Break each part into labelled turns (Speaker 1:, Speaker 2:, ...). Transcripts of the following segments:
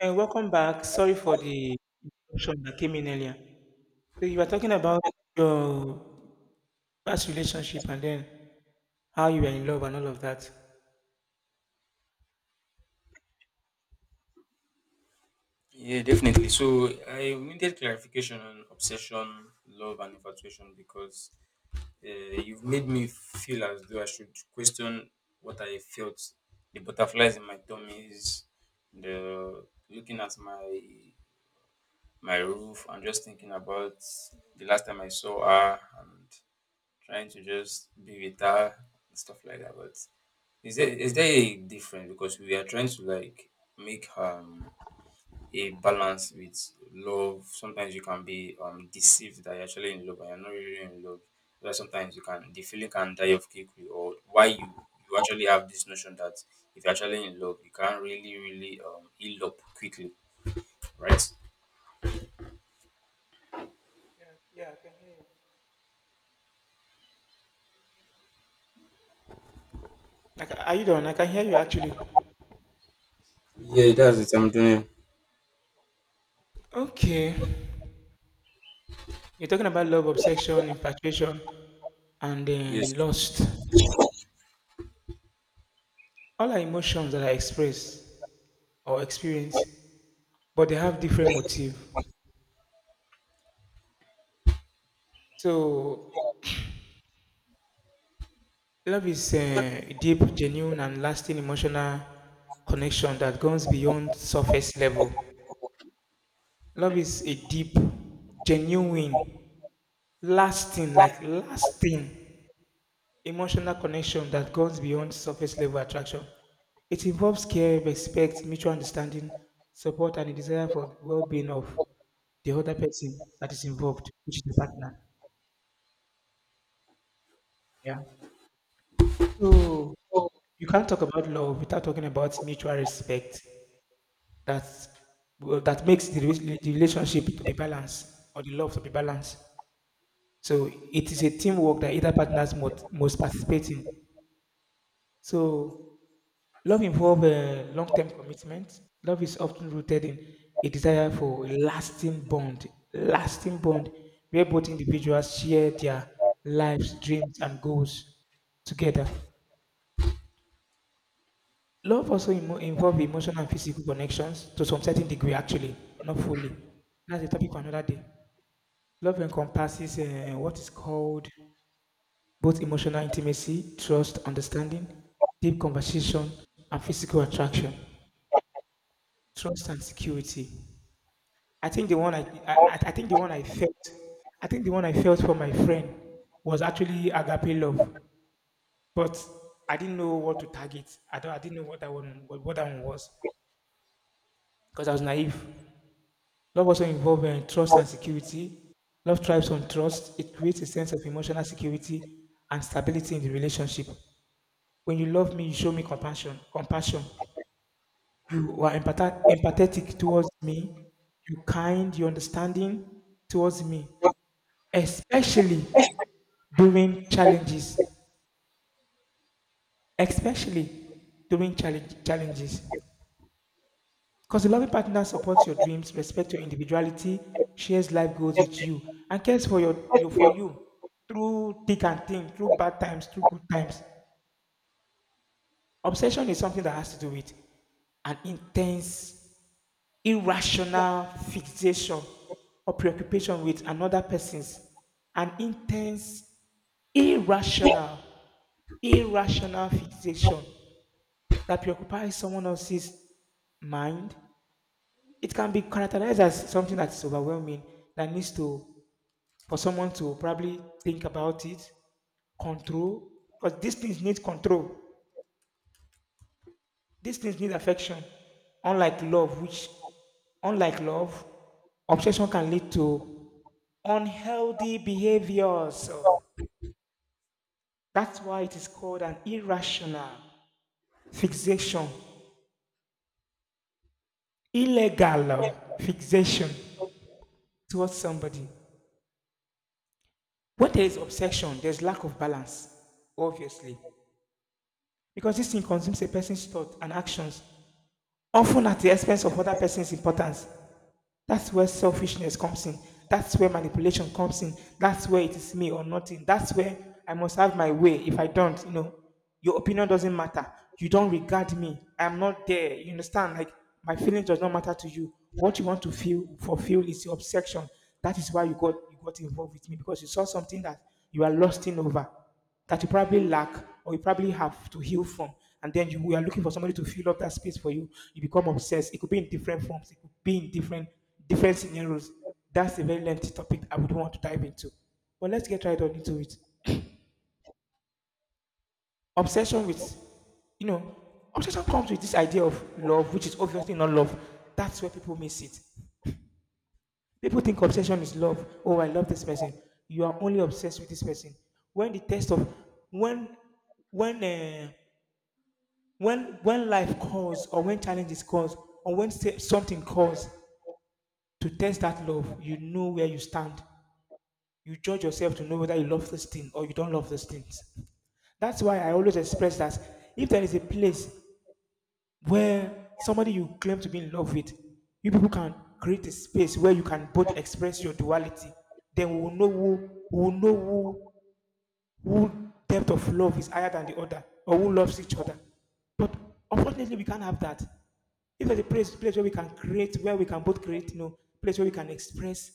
Speaker 1: And welcome back. Sorry for the interruption that came in earlier. So you were talking about your past relationship and then how you were in love and all of that.
Speaker 2: Yeah, definitely. So I needed clarification on obsession, love, and infatuation because uh, you've made me feel as though I should question what I felt, the butterflies in my tummy, is the looking at my roof and just thinking about the last time I saw her and trying to just be with her and stuff like that. But is there a difference, because we are trying to like make her a balance with love. Sometimes you can be deceived that you're actually in love and you're not really in love. Where sometimes you can, the feeling can die of quickly, or why you actually have this notion that if you're actually in love, you can't really, really heal up quickly, right?
Speaker 1: Like, are you done? I can hear you actually.
Speaker 2: Yeah, that's it. I'm doing.
Speaker 1: Okay. You're talking about love, obsession, infatuation, and
Speaker 2: Yes.
Speaker 1: then lust. All are emotions that I express or experience, but they have different motive. So love is a deep, genuine, and lasting emotional connection that goes beyond surface level. Love is a deep, genuine, lasting, like lasting emotional connection that goes beyond surface level attraction. It involves care, respect, mutual understanding, support, and a desire for the well-being of the other person that is involved, which is the partner. Yeah. So you can't talk about love without talking about mutual respect that well, that makes the relationship to be balanced or the love to be balanced. So it is a teamwork that either partners must participate in. So love involves a long-term commitment. Love is often rooted in a desire for a lasting bond where both individuals share their lives, dreams, and goals together. Love also involves emotional and physical connections to some certain degree, actually, not fully. That's a topic for another day. Love encompasses what is called both emotional intimacy, trust, understanding, deep conversation, and physical attraction, trust and security. I think the one I think the one I felt, I think the one I felt for my friend was actually agape love, but I didn't know what to target. I didn't know what that one, what that one was because I was naive. Love also involves trust and security. Love thrives on trust. It creates a sense of emotional security and stability in the relationship. When you love me, you show me compassion. Compassion. You are empathetic towards me. You kind. You understanding towards me, especially during challenges. Especially during challenges. Because a loving partner supports your dreams, respects your individuality, shares life goals with you, and cares for your, you for you through thick and thin, through bad times, through good times. Obsession is something that has to do with an intense, irrational fixation or preoccupation with an intense, irrational, irrational fixation that preoccupies someone else's mind. It can be characterized as something that's overwhelming that needs to for someone to probably think about it, control, because these things need control. These things need affection. Unlike love, which unlike love, obsession can lead to unhealthy behaviors. So that's why it is called an irrational fixation, illegal fixation towards somebody. When there is obsession, there's lack of balance, obviously, because this thing consumes a person's thought and actions, often at the expense of other person's importance. That's where selfishness comes in. That's where manipulation comes in. That's where it is me or nothing. That's where I must have my way. If I don't, you know, your opinion doesn't matter. You don't regard me. I'm not there. You understand? Like my feeling does not matter to you. What you want to feel fulfill is your obsession. That is why you got involved with me because you saw something that you are lusting over that you probably lack or you probably have to heal from. And then we are looking for somebody to fill up that space for you. You become obsessed. It could be in different forms. It could be in different scenarios. That's a very lengthy topic I would want to dive into. But let's get right on into it. Obsession with, you know, obsession comes with this idea of love, which is obviously not love. That's where people miss it. People think obsession is love. Oh, I love this person. You are only obsessed with this person. When the test of when when uh, when when life calls or when challenges calls or when something calls to test that love, you know where you stand. You judge yourself to know whether you love this thing or you don't love this thing. That's why I always express that if there is a place where somebody you claim to be in love with, you people can create a space where you can both express your duality, then we will know who depth of love is higher than the other or who loves each other. But unfortunately, we can't have that. If there's a place, where we can create, where we can both create, you know, place where we can express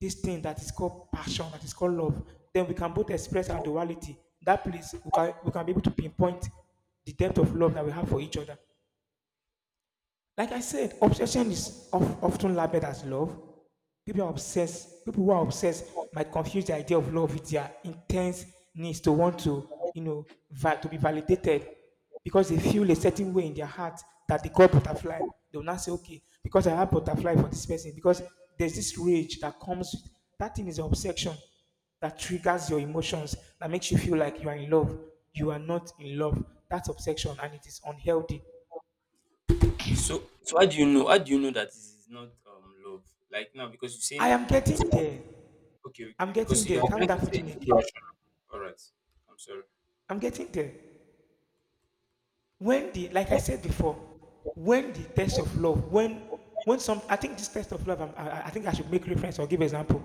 Speaker 1: this thing that is called passion, that is called love, then we can both express our duality. That place, we can be able to pinpoint the depth of love that we have for each other. Like I said, often labeled as love. People are obsessed. People who are obsessed might confuse the idea of love with their intense needs to want to, you know, to be validated because they feel a certain way in their heart that they call butterfly. They will not say, okay, because I have butterfly for this person. Because there's this rage that comes with that thing is an obsession that triggers your emotions, that makes you feel like you are in love. You are not in love. That's obsession and it is unhealthy.
Speaker 2: So how do you know? How do you know that this is not love? Like now, because you're
Speaker 1: I
Speaker 2: saying
Speaker 1: am
Speaker 2: obs-
Speaker 1: getting there.
Speaker 2: okay,
Speaker 1: I'm
Speaker 2: okay,
Speaker 1: getting
Speaker 2: because you
Speaker 1: there.
Speaker 2: are
Speaker 1: Calm
Speaker 2: trying
Speaker 1: down
Speaker 2: to
Speaker 1: for
Speaker 2: say it's
Speaker 1: Chineke.
Speaker 2: irrational. All right, I'm sorry.
Speaker 1: I'm getting there. Like I said before, when the test of love, when some, I think this test of love, I think I should make reference or give example.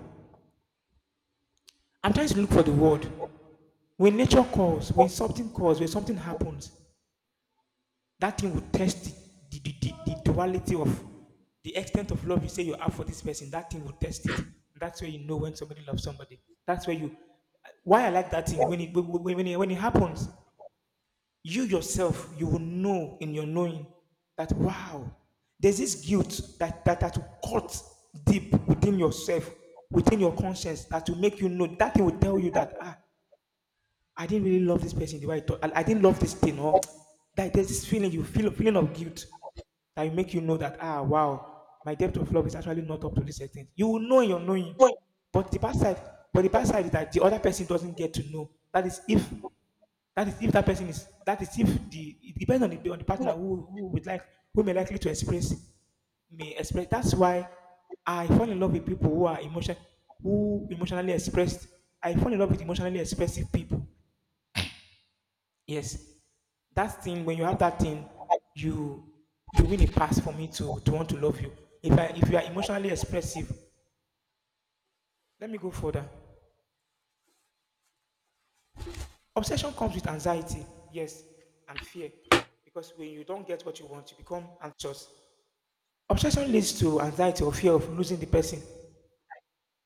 Speaker 1: I'm trying to look for the word. When nature calls, when something happens, that thing will test the, the, the, the duality of the extent of love you say you have for this person. That thing will test it. That's where you know when somebody loves somebody. That's where you, why I like that thing when it happens. You yourself, you will know in your knowing that wow, there's this guilt that will cut deep within yourself, within your conscience, that will make you know, that thing will tell you that ah, I didn't really love this person the way I didn't love this thing, or that there's this feeling you feel, feeling of guilt, that will make you know that ah wow, my depth of love is actually not up to this extent. You will know in your knowing. but the bad side but the bad side is that the other person doesn't get to know. That is if that is if that person is that is if the, it depends on the partner, who would like, who may likely to express, may express. That's why I fall in love with people who emotionally expressed. I fall in love with emotionally expressive people. Yes, that thing when you have that thing, you win a pass for me to want to love you. If you are emotionally expressive, let me go further. Obsession comes with anxiety, yes, and fear, because when you don't get what you want, you become anxious. Obsession leads to anxiety or fear of losing the person.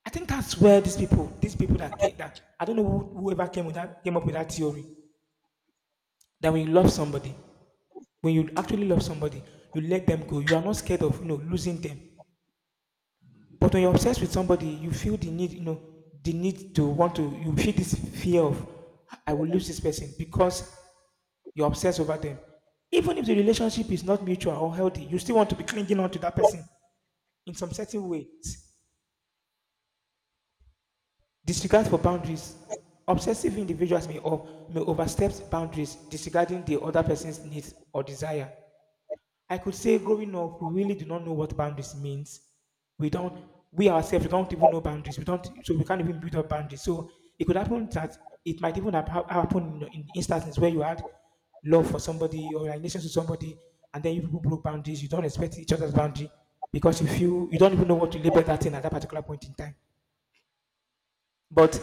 Speaker 1: I think that's where these people that came, that I don't know who, whoever came up with that theory that when you love somebody, when you actually love somebody, you let them go. You are not scared of, you know, losing them. But when you're obsessed with somebody, you feel the need, you know, the need to want to. You feel this fear of I will lose this person because you're obsessed over them. Even if the relationship is not mutual or healthy, you still want to be clinging on to that person in some certain ways. Disregard for boundaries. Obsessive individuals may overstep boundaries, disregarding the other person's needs or desire. I could say growing up, we really do not know what boundaries means. We don't, we ourselves, we don't even know boundaries. We don't, so we can't even build up boundaries. So it could happen that it might even happen in instances where you had love for somebody or relations to somebody, and then you people broke boundaries. You don't respect each other's boundary because you feel you don't even know what to label that thing at that particular point in time. But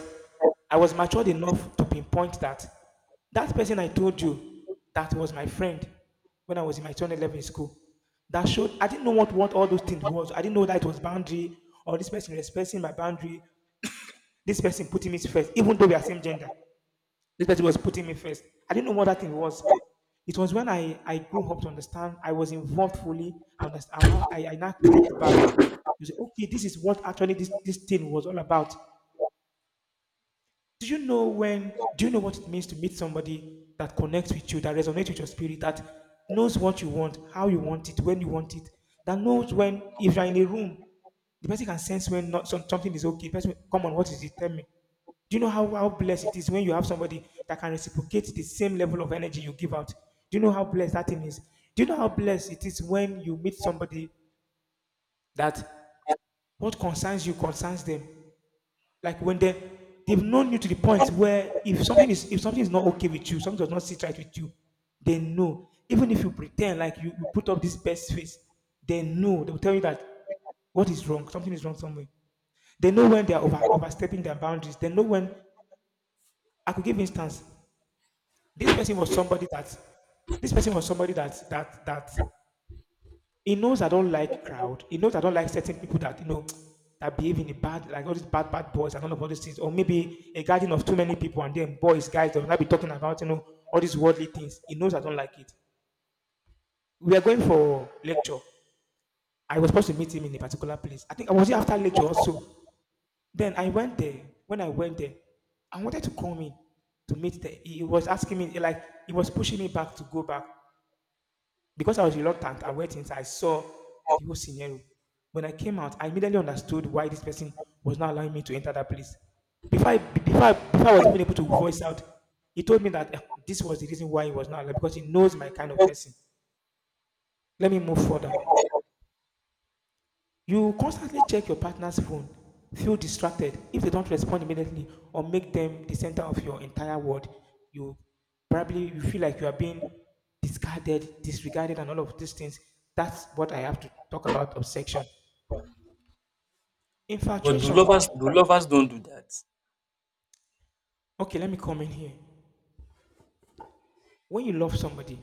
Speaker 1: I was matured enough to pinpoint that person I told you that was my friend when I was in my 2011 school. That showed I didn't know what all those things was. I didn't know that it was boundary or this person respecting my boundary. This person putting me first, even though we are same gender. This person was putting me first. I didn't know what that thing was. It was when I grew up to understand, I was involved fully. I understand. I now, I now clicked back. You say, okay, this is what actually this thing was all about. Do you know when, do you know what it means to meet somebody that connects with you, that resonates with your spirit, that knows what you want, how you want it, when you want it, that knows when, if you're in a room, the person can sense when, not some, something is okay. Person, come on, what is it, tell me? Do you know how blessed it is when you have somebody that can reciprocate the same level of energy you give out? Do you know how blessed that thing is? Do you know how blessed it is when you meet somebody that what concerns you concerns them? Like when they, they've known you to the point where if something is, if something is not okay with you, something does not sit right with you, they know. Even if you pretend like you put up this best face, they know. They will tell you that what is wrong, something is wrong somewhere. They know when they are overstepping their boundaries. They know when I could give instance. This person was somebody that, this person was somebody that that he knows I don't like crowd. He knows I don't like certain people that, you know, that behave in a bad, like all these bad, bad boys and all of all these things, or maybe a garden of too many people and then boys, guys, they'll not be talking about, you know, all these worldly things. He knows I don't like it. We are going for lecture. I was supposed to meet him in a particular place. I think I was here after lecture also. Then I went there. When I went there, I wanted to come in to meet there. He was asking me like he was pushing me back to go back. Because I was reluctant, I went inside, I saw the whole scenario. When I came out, I immediately understood why this person was not allowing me to enter that place. Before I was even able to voice out, he told me that this was the reason why he was not allowed, because he knows my kind of person. Let me move further. You constantly check your partner's phone, feel distracted if they don't respond immediately, or make them the center of your entire world. You, probably you feel like you are being discarded, disregarded, and all of these things. That's what I have to talk about. Obsession.
Speaker 2: But
Speaker 1: Infatuation.
Speaker 2: do lovers don't do that?
Speaker 1: Okay, let me come in here. When you love somebody,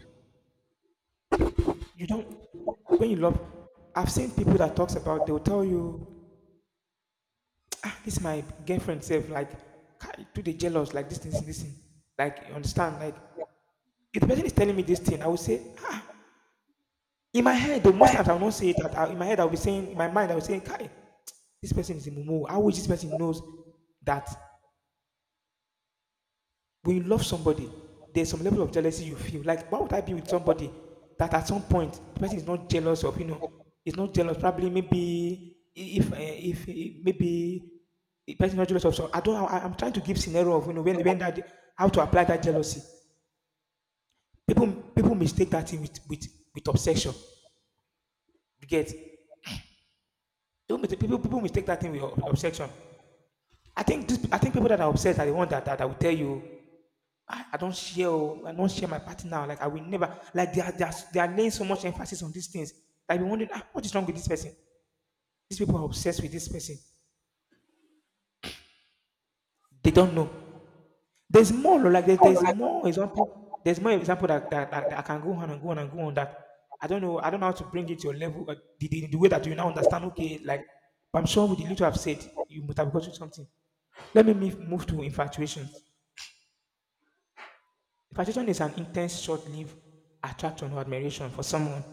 Speaker 1: you don't, when you love, I've seen people that talks about, they'll tell you, ah, this is my girlfriend self, like, "Kai, do they jealous, like this thing, this thing." Like you understand, like, if the person is telling me this thing, I will say, ah, in my head, though, most times I will not say it. That I, in my head, I will be saying, in my mind, I will say, Kai, this person is a mumu. I wish this person knows that when you love somebody, there's some level of jealousy you feel. Like, why would I be with somebody that at some point the person is not jealous of? You know, is not jealous. Probably maybe if eh, if maybe the person is not jealous of. So I don't. I'm trying to give scenario of, you know, when that, how to apply that jealousy. People, people mistake that thing with with obsession. You get. Don't mistake, people, people mistake that thing with obsession. I think this, I think people that are obsessed are the ones that will tell you, I don't share, oh, I don't share my party now. Like I will never, like they are, they are they are laying so much emphasis on these things. Like we wondering, ah, what is wrong with this person? These people are obsessed with this person. They don't know. There's more, like there's more example. There's more example that I can go on and go on and go on that. I don't know. I don't know how to bring it to your level, the way that you now understand. Okay, like, but I'm sure with the little I've said, you must have gotten something. Let me move to infatuation. Infatuation is an intense, short lived attraction or admiration for someone,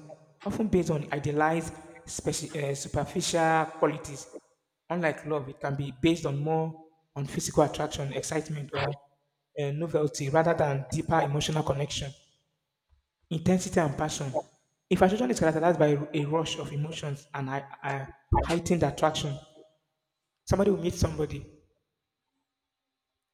Speaker 1: often based on idealized, superficial qualities. Unlike love, it can be based on more on physical attraction, excitement, or novelty, rather than deeper emotional connection. Intensity and passion. Infatuation is characterized by a rush of emotions and heightened attraction. Somebody will meet somebody,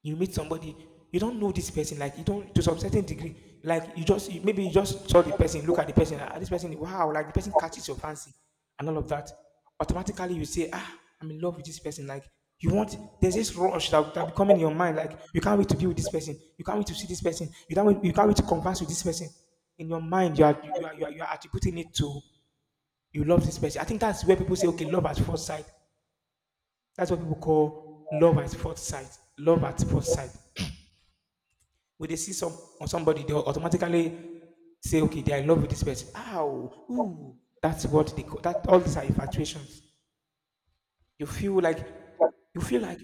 Speaker 1: you meet somebody, you don't know this person, like you don't, to some certain degree, like you just you, maybe you just saw the person, look at the person, ah, this person, wow, like the person catches your fancy and all of that. Automatically you say, ah, I'm in love with this person. Like you want, there's this rush that be coming in your mind, like you can't wait to be with this person, you can't wait to see this person, you can't wait to converse with this person. In your mind you are, you are, you are attributing it to, you love this person. I think that's where people say, okay, love at first sight. That's what people call love at first sight. Love at first sight, when they see some on somebody, they will automatically say, "Okay, they're in love with this person." Ow, ooh, that's what they call that. All these are infatuations. You feel like, you feel like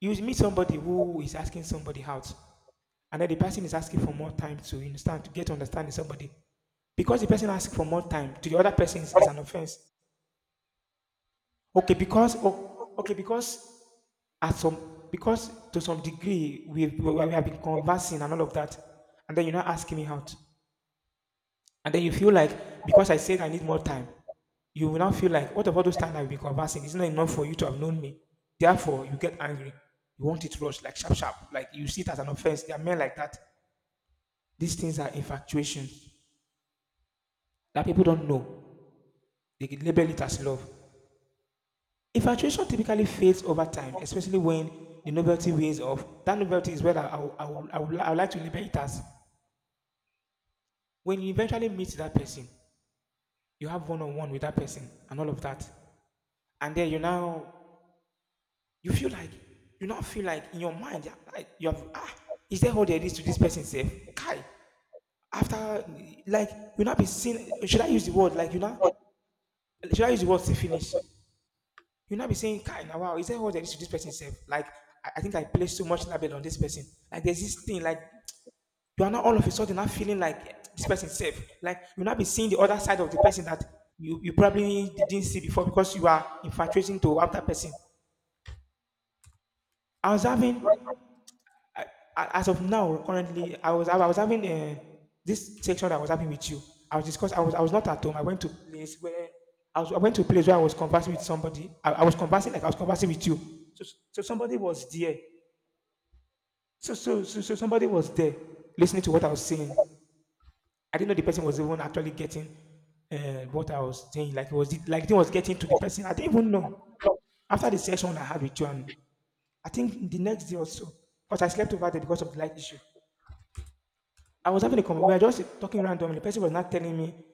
Speaker 1: you meet somebody who is asking somebody out, and then the person is asking for more time to understand, to get understanding somebody, because the person asks for more time to the other person is an offense. Okay, because, oh, okay, because at some, because to some degree we have been conversing and all of that, and then you're not asking me out. And then you feel like, because I said I need more time, you will now feel like, what about those times I've been conversing? It's not enough for you to have known me. Therefore, you get angry. You want it rushed, like sharp, sharp. Like you see it as an offense. There are men like that. These things are infatuations that people don't know. They label it as love. Infatuation typically fades over time, especially when the novelty wears off. That novelty is where I would like to label it as. When you eventually meet that person, you have one on one with that person and all of that. And then you now, you feel like, you now feel like in your mind, you're like you have, ah, is there all there is to this person self? Kai. After, like, you not be seeing, should I use the word, like, you know, should I use the word to finish? You not be saying, Kai now, wow, is there all there is to this person self? Like I think I placed too much label on this person. Like there's this thing, like you are not all of a sudden not feeling like this person safe. Like you not be seeing the other side of the person that you probably didn't see before because you are infatuating to other person. I was having as of now, currently, I was having this section I was having with you. I was discuss. I was not at home. I went to a place where I was. I went to a place where I was conversing with somebody. I was conversing like I was conversing with you. So so somebody was there. So somebody was there listening to what I was saying. I didn't know the person was even actually getting uh, what I was saying. Like it was, like it was getting to the person. I didn't even know. After the session I had with you, and I think the next day or so, because I slept over there because of the light issue. I was having a conversation. We were just talking randomly. The person was not telling me,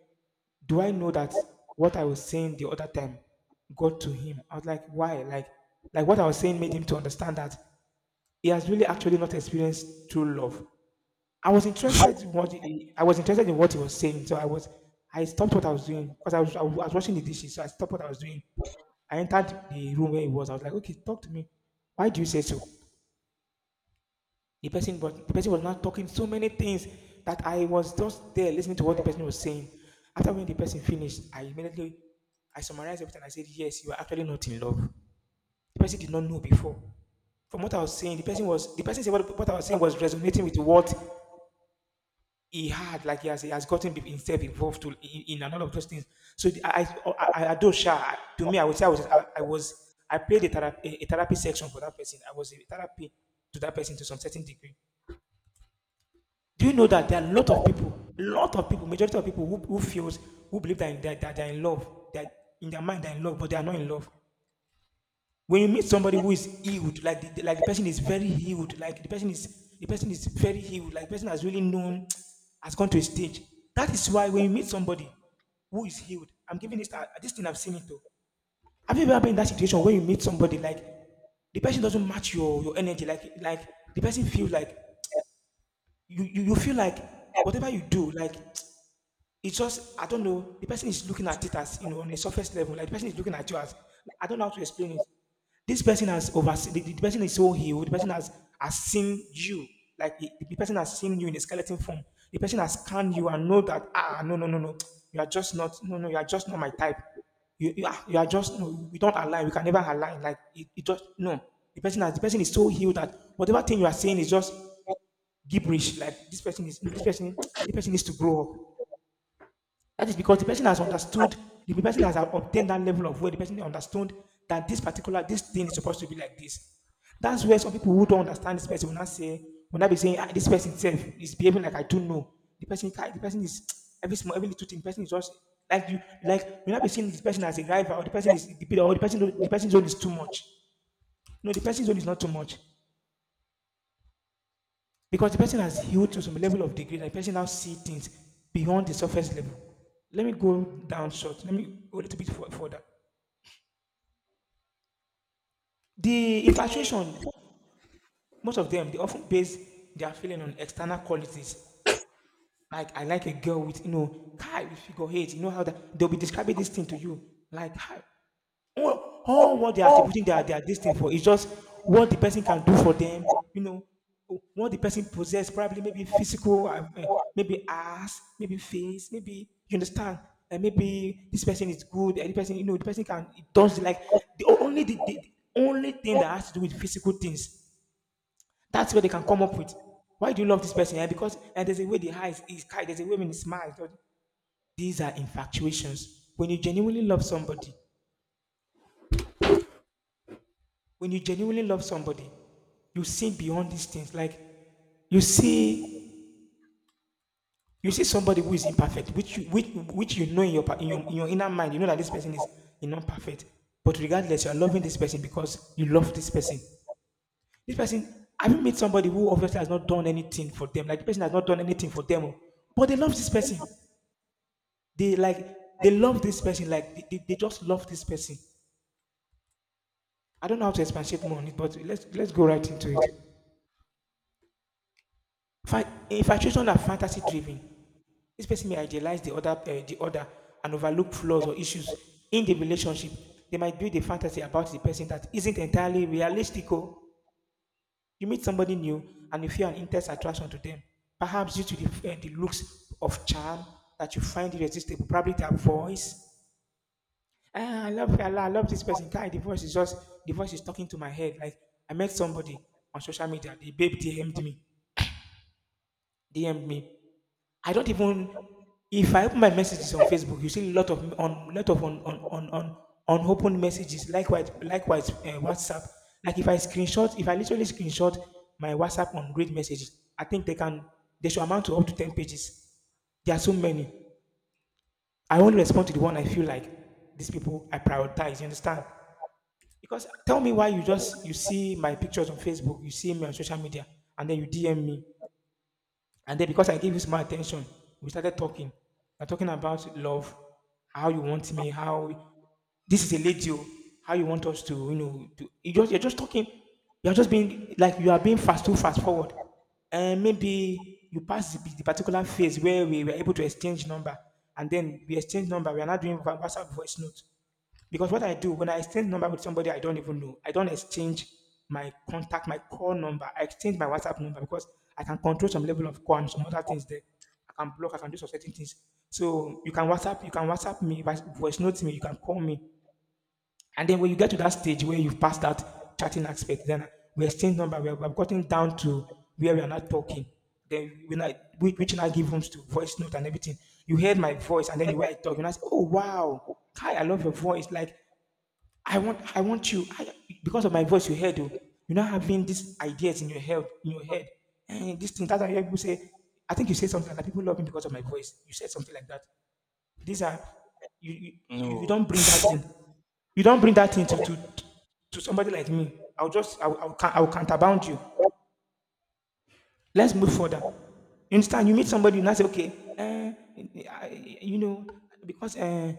Speaker 1: do I know that what I was saying the other time got to him? I was like, why? Like what I was saying made him to understand that he has really actually not experienced true love. I was interested in I was interested in what he was saying. So I stopped what I was doing because I was washing the dishes. So I stopped what I was doing. I entered the room where he was. I was like, okay, talk to me. Why do you say so? But the person was not talking so many things, that I was just there listening to what the person was saying. After when the person finished, I summarized everything. I said, "Yes, you are actually not in love." The person did not know before. From what I was saying, the person said what I was saying was resonating with what he had, like he has gotten himself involved in a lot of those things. So I, I do share. To me, I would say I was, I played a therapy section for that person. I was a therapy to that person to some certain degree. Do you know that there are a lot of people, majority of people who feels, who believe that they are in love, that in their mind they're in love, but they are not in love. When you meet somebody who is healed, like like the person is very healed, like the person is very healed, like the person has really known, has gone to a stage. That is why when you meet somebody who is healed, I'm giving this thing. I've seen it though. Have you ever been in that situation where you meet somebody like the person doesn't match your energy, like the person feels like you feel like whatever you do. Like it's just, I don't know. The person is looking at it as, you know, on a surface level. Like the person is looking at you as, I don't know how to explain it. This person has overseen. The person is so healed. The person has seen you. Like the person has seen you in a skeleton form. The person has scanned you and know that, ah, no no no no, you are just not, no no, you are just not my type. You are, you are just no, we don't align. We can never align. Like it just no. The person is so healed that whatever thing you are saying is just gibberish. Like this person needs to grow up. That is because the person has understood, the person has obtained that level of where the person understood that this thing is supposed to be like this. That's where some people who don't understand this person will not be saying, ah, this person itself is behaving like, I don't know. The person is every small, every little thing. The person is just like you, like will not be seeing this person as a rival, or the person's own is too much. No, the person's own is not too much. Because the person has healed to some level of degree, that the person now see things beyond the surface level. Let me go down short. Let me go a little bit further. The infatuation, most of them, they often base their feeling on external qualities. Like I like a girl with, you know, high figure eight. You know how that they'll be describing this thing to you. Like, hi. Well, all what they are attributing their this thing for is just what the person can do for them, you know, what the person possess, probably maybe physical, maybe ass, maybe face, maybe, you understand, and maybe this person is good, and the person, you know, the person can it does like the only the only thing that has to do with physical things. That's what they can come up with. Why do you love this person? Eh, because, and there's a way the eyes is kind, there's a way when he smiles. These are infatuations. When you genuinely love somebody, when you genuinely love somebody, you see beyond these things. Like you see, you see somebody who is imperfect, which which you know in in your inner mind, you know that this person is not perfect. But regardless, you are loving this person because you love this person. This person, have you met somebody who obviously has not done anything for them? Like the person has not done anything for them, oh, but they love this person. They love this person. Like they just love this person. I don't know how to expatiate more on it, but let's go right into it. Infatuation are fantasy driven. This person may idealize the other and overlook flaws or issues in the relationship. They might build a fantasy about the person that isn't entirely realistic. Oh, you meet somebody new and you feel an intense attraction to them, perhaps due to the looks of charm that you find irresistible, probably their voice. Ah, I love this person. Guy, the voice is talking to my head. Like I met somebody on social media, the babe DM'd me. DM me. I don't even, if I open my messages on Facebook, you see a lot of on open messages. Likewise, WhatsApp. Like if I screenshot, if I literally screenshot my WhatsApp on great messages, I think they should amount to up to ten pages. There are so many. I only respond to the one I feel like, these people I prioritize. You understand? Because tell me why you see my pictures on Facebook, you see me on social media, and then you DM me. And then because I gave this more attention, we started talking. We're talking about love, how you want me, how, this is a lady, oh, how you want us to, you know, to, you're just talking. You are being fast too fast forward. And maybe you pass the particular phase where we were able to exchange number, and then we exchange number. We are not doing WhatsApp voice note. Because what I do when I exchange number with somebody I don't even know, I don't exchange my contact, my call number. I exchange my WhatsApp number because I can control some level of call and some other things there. I can block, I can do some certain things. So you can WhatsApp, me, voice note me, you can call me. And then when you get to that stage where you've passed that chatting aspect, then we exchange number, we have gotten down to where we are not talking. Then when I we, which now give rooms to voice note and everything, you heard my voice and then the way I talk, and I say, oh, wow, Kai, I love your voice. Like I want you. I, because of my voice you heard, oh, you're not having these ideas in your head, and this thing, that's why I hear people say, I think you say something like that, people love me because of my voice. You said something like that. These are you, you
Speaker 2: No.
Speaker 1: don't bring that in, you don't bring that in to somebody like me. I'll just I'll, I'll counterbound you. Let's move further. You understand? You meet somebody, you now say, okay, eh, you know, because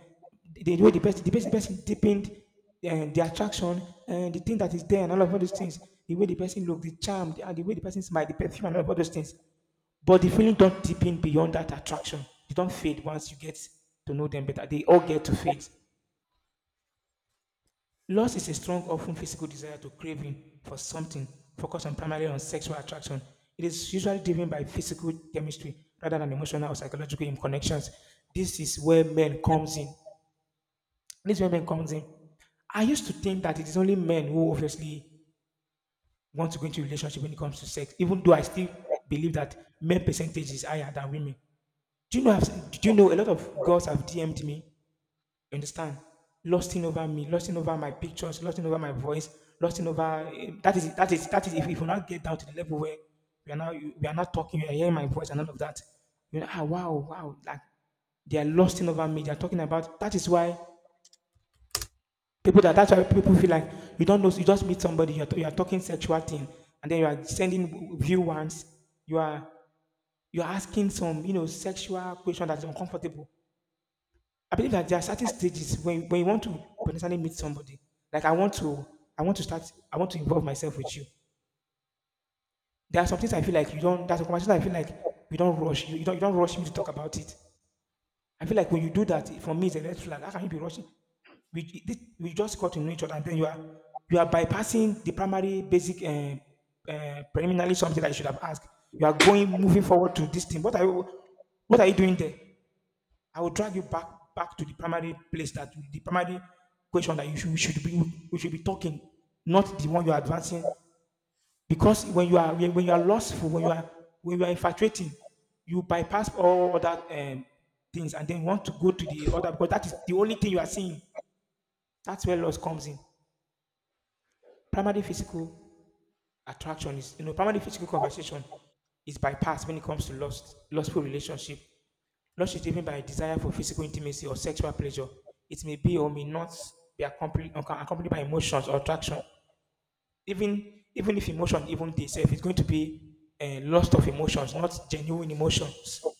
Speaker 1: the way the person deepened the attraction, and the thing that is there, and all of all those things, the way the person looked, the charm, and the way the person smiled, the perfume, and all of all those things. But the feeling don't deepen beyond that attraction. They don't fade once you get to know them better. They all get to fade. Lust is a strong, often physical desire to craving for something focused on primarily on sexual attraction. It is usually driven by physical chemistry rather than emotional or psychological connections. This is where men comes in. This is where men comes in. I used to think that it is only men who obviously want to go into a relationship when it comes to sex, even though I still believe that men percentage is higher than women. Do you know? Do you know a lot of girls have DM'd me? You understand? Lusting over me, lusting over my pictures, lusting over my voice, lusting over that is if, we not get down to the level where we are now. We are not talking, you are hearing my voice and all of that. Wow, wow, like they are lusting over me. They are talking about that is why people that that's why people feel like you don't know. You just meet somebody, you are talking sexual thing, and then you are sending view ones, you are you are asking some sexual question that's uncomfortable. I believe that there are certain stages when you want to potentially meet somebody. Like I want to start, I want to involve myself with you. There are some things I feel like you don't. There's a conversation I feel like you don't rush. You don't rush me to talk about it. I feel like when you do that, for me, it's a red flag. How can you be rushing? We just got to know each other, and then you are bypassing the primary basic preliminary something that you should have asked. You are going moving forward to this thing. What are you? What are you doing there? I will drag you back back to the primary place, that the primary question that you should, we should be talking, not the one you are advancing. Because when you are lustful, when you are infatuating, you bypass all other things and then want to go to the other because that is the only thing you are seeing. That's where lust comes in. Primary physical attraction is, you know, primary physical conversation is bypassed when it comes to lustful relationship. Lust is driven by a desire for physical intimacy or sexual pleasure. It may be or may not be accompanied by emotions or attraction. Even if emotion, even itself, it's going to be a lust of emotions, not genuine emotions.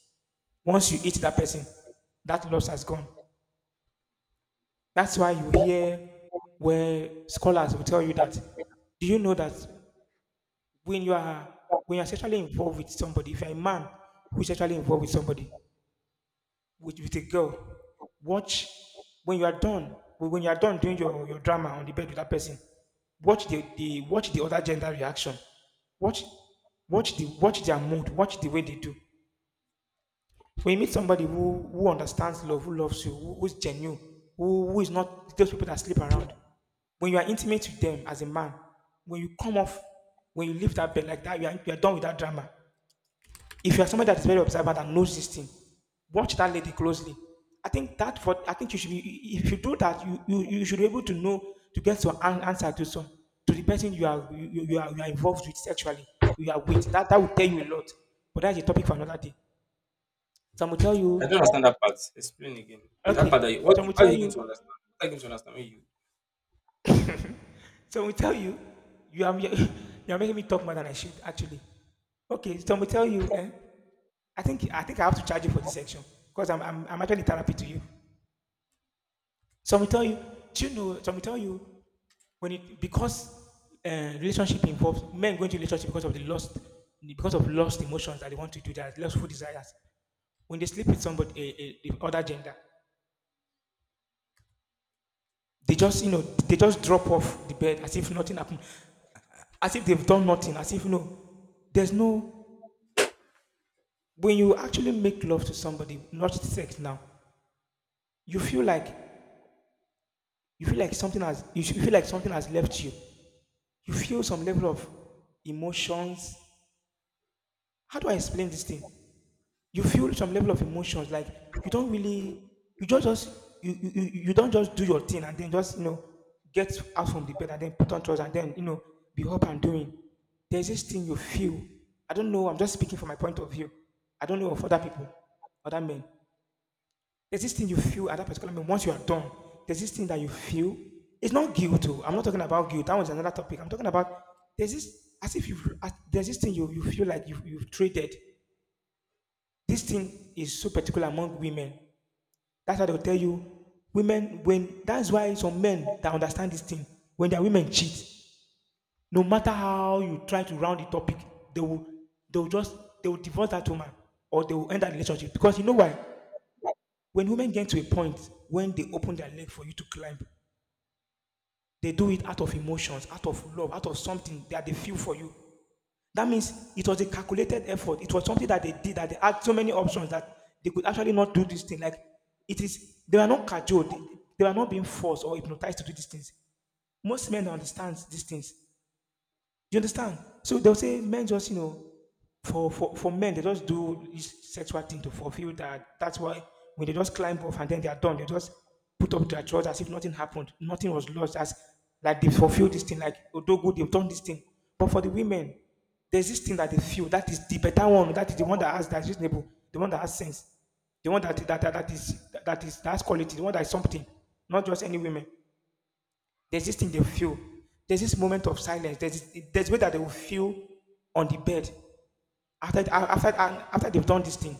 Speaker 1: Once you eat that person, that lust has gone. That's why you hear where scholars will tell you that. Do you know that when you are when you are sexually involved with somebody, if you're a man who is sexually involved with somebody, with a girl. Watch when you are done. When you are done doing your drama on the bed with that person, watch the other gender reaction. Watch watch the watch their mood. Watch the way they do. When you meet somebody who understands love, who loves you, who's genuine, who is not those people that sleep around. When you are intimate with them as a man, when you come off, when you leave that bed like that, you are done with that drama. If you are somebody that is very observant and knows this thing, watch that lady closely. I think you should be, if you do that, you should be able to know to get your answer to some, to the person you are involved with sexually. You are with that that will tell you a lot. But that's a topic for another day. Some will tell
Speaker 2: I
Speaker 1: you,
Speaker 2: don't understand that part. Explain again. That
Speaker 1: okay.
Speaker 2: part that you, what,
Speaker 1: Some will
Speaker 2: how are
Speaker 1: tell
Speaker 2: you going
Speaker 1: you,
Speaker 2: to understand? How are you going to understand when you.
Speaker 1: some will tell you, you are you are making me talk more than I should actually. Okay, some will tell you, eh? I think I have to charge you for this section because I'm actually therapy to you. Some will tell you, do you know, some will tell you, because relationship involves men going to relationship because of the lost, because of lost emotions that they want to do, their lustful desires. When they sleep with somebody, the other gender, they just, you know, they just drop off the bed as if nothing happened, as if they've done nothing, as if, you know, there's no, when you actually make love to somebody, not sex now, you feel like, you feel like something has left you. You feel some level of emotions. How do I explain this thing? You feel some level of emotions, like you don't really, you just you you, you you don't just do your thing and then just, you know, get out from the bed and then put on trousers and then, you know, be up and doing. There's this thing you feel. I don't know. I'm just speaking from my point of view. I don't know of other people, other men. There's this thing you feel at that particular moment once you are done. There's this thing that you feel. It's not guilt. Too. I'm not talking about guilt. That was another topic. I'm talking about, there's this as if you there's this thing you, you feel like you've traded. This thing is so particular among women. That's why they'll tell you, women, when that's why some men that understand this thing, when their women cheat, no matter how you try to round the topic, they will they will just they will divorce that woman or they will end that relationship. Because you know why? When women get to a point when they open their leg for you to climb, they do it out of emotions, out of love, out of something that they feel for you. That means it was a calculated effort. It was something that they did, that they had so many options, that they could actually not do this thing. Like it is, they were not cajoled. They were not being forced or hypnotized to do these things. Most men understand these things, you understand? So they'll say men just, you know, for men, they just do this sexual thing to fulfill that. That's why when they just climb off and then they are done, they just put up their drawers as if nothing happened. Nothing was lost. As like they fulfilled this thing, like Odogu, they've done this thing. But for the women, there's this thing that they feel that is the better one, that is the one that has that's reasonable, the one that has sense, the one that that, that, that is that's quality, the one that is something, not just any women. There's this thing they feel. There's this moment of silence. There's way that they will feel on the bed after they've done this thing.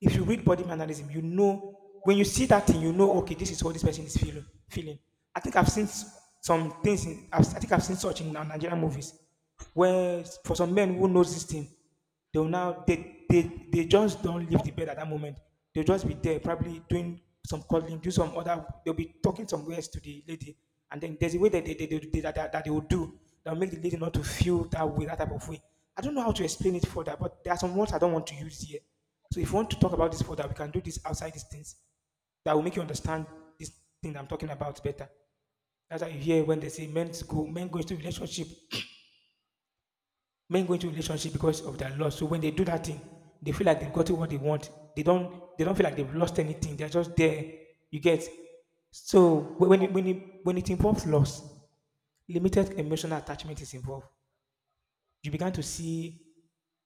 Speaker 1: If you read body mannerism, you know when you see that thing, you know, okay, this is what this person is feeling. Feeling. I think I've seen some things. I think I've seen such in Nigerian movies, where for some men who knows this thing, they will now they just don't leave the bed at that moment. They'll just be there, probably doing some cuddling, do some other. They'll be talking some words to the lady, and then there's a way that that they will do that will make the lady not to feel that way, that type of way. I don't know how to explain it further, but there are some words I don't want to use here. So if you want to talk about this further, we can do this outside these things. That will make you understand this thing I'm talking about better. That's how you hear when they say men go into relationship, men go into relationship because of their loss. So when they do that thing, they feel like they've gotten what they want. They don't feel like they've lost anything. They're just there. You get. So when it involves loss, limited emotional attachment is involved. You began to see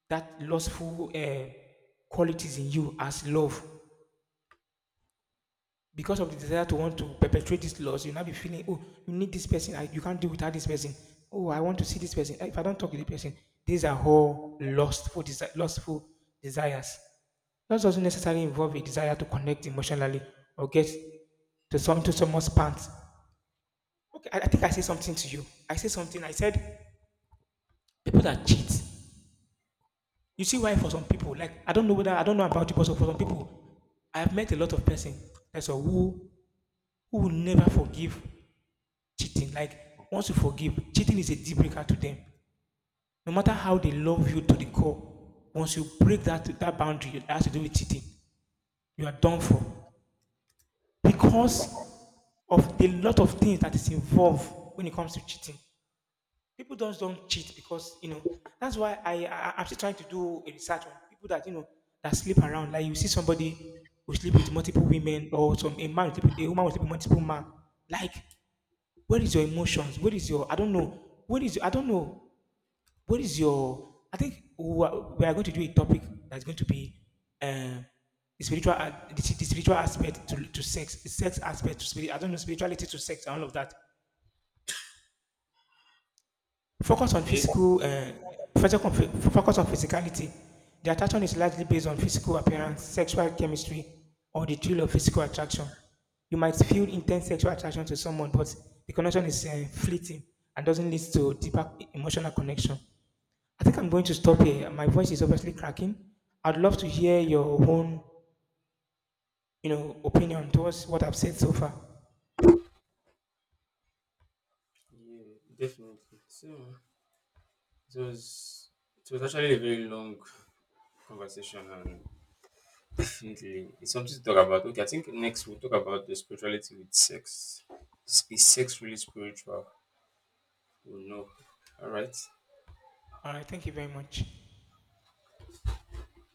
Speaker 1: that lustful qualities in you as love. Because of the desire to want to perpetrate this loss, you now be feeling, oh, you need this person. You can't do without this person. Oh, I want to see this person. If I don't talk to this person, these are all lustful, lustful desires. Lust doesn't necessarily involve a desire to connect emotionally or get to someone's pants. Okay, I think I said something to you. I said something. I said people that cheat. You see why? For some people, like I don't know whether, I don't know about you, but so for some people, I have met a lot of person that's all who will never forgive cheating. Like once you forgive, cheating is a deal breaker to them. No matter how they love you to the core, once you break that boundary that has to do with cheating, you are done for, because of the lot of things that is involved when it comes to cheating. People just don't cheat because, you know, that's why I I'm still trying to do a research on people that, you know, that sleep around. Like you see somebody who sleep with multiple women, or some a man will sleep with, a woman will sleep with multiple man. Like where is your emotions? Where is your, I don't know. Where is, I don't know. Where is your, I think we are going to do a topic that's going to be, um the spiritual the spiritual aspect to sex, the sex aspect to spirit. I don't know, spirituality to sex and all of that. Focus on
Speaker 2: Okay.
Speaker 1: physical, focus on focus on physicality. The attraction is largely based on physical appearance, sexual chemistry, or the thrill of physical attraction. You might feel intense sexual attraction to someone, but the connection is fleeting and doesn't lead to deeper emotional connection. I think I'm going to stop here. My voice is obviously cracking. I'd love to hear your own, you know, opinion towards what I've said so far.
Speaker 2: Yeah, definitely. So was it was actually a very long conversation, and definitely it's something to talk about. Okay, I think next we'll talk about the spirituality with sex. Is sex really spiritual? We'll know. All right.
Speaker 1: All right, thank you very much.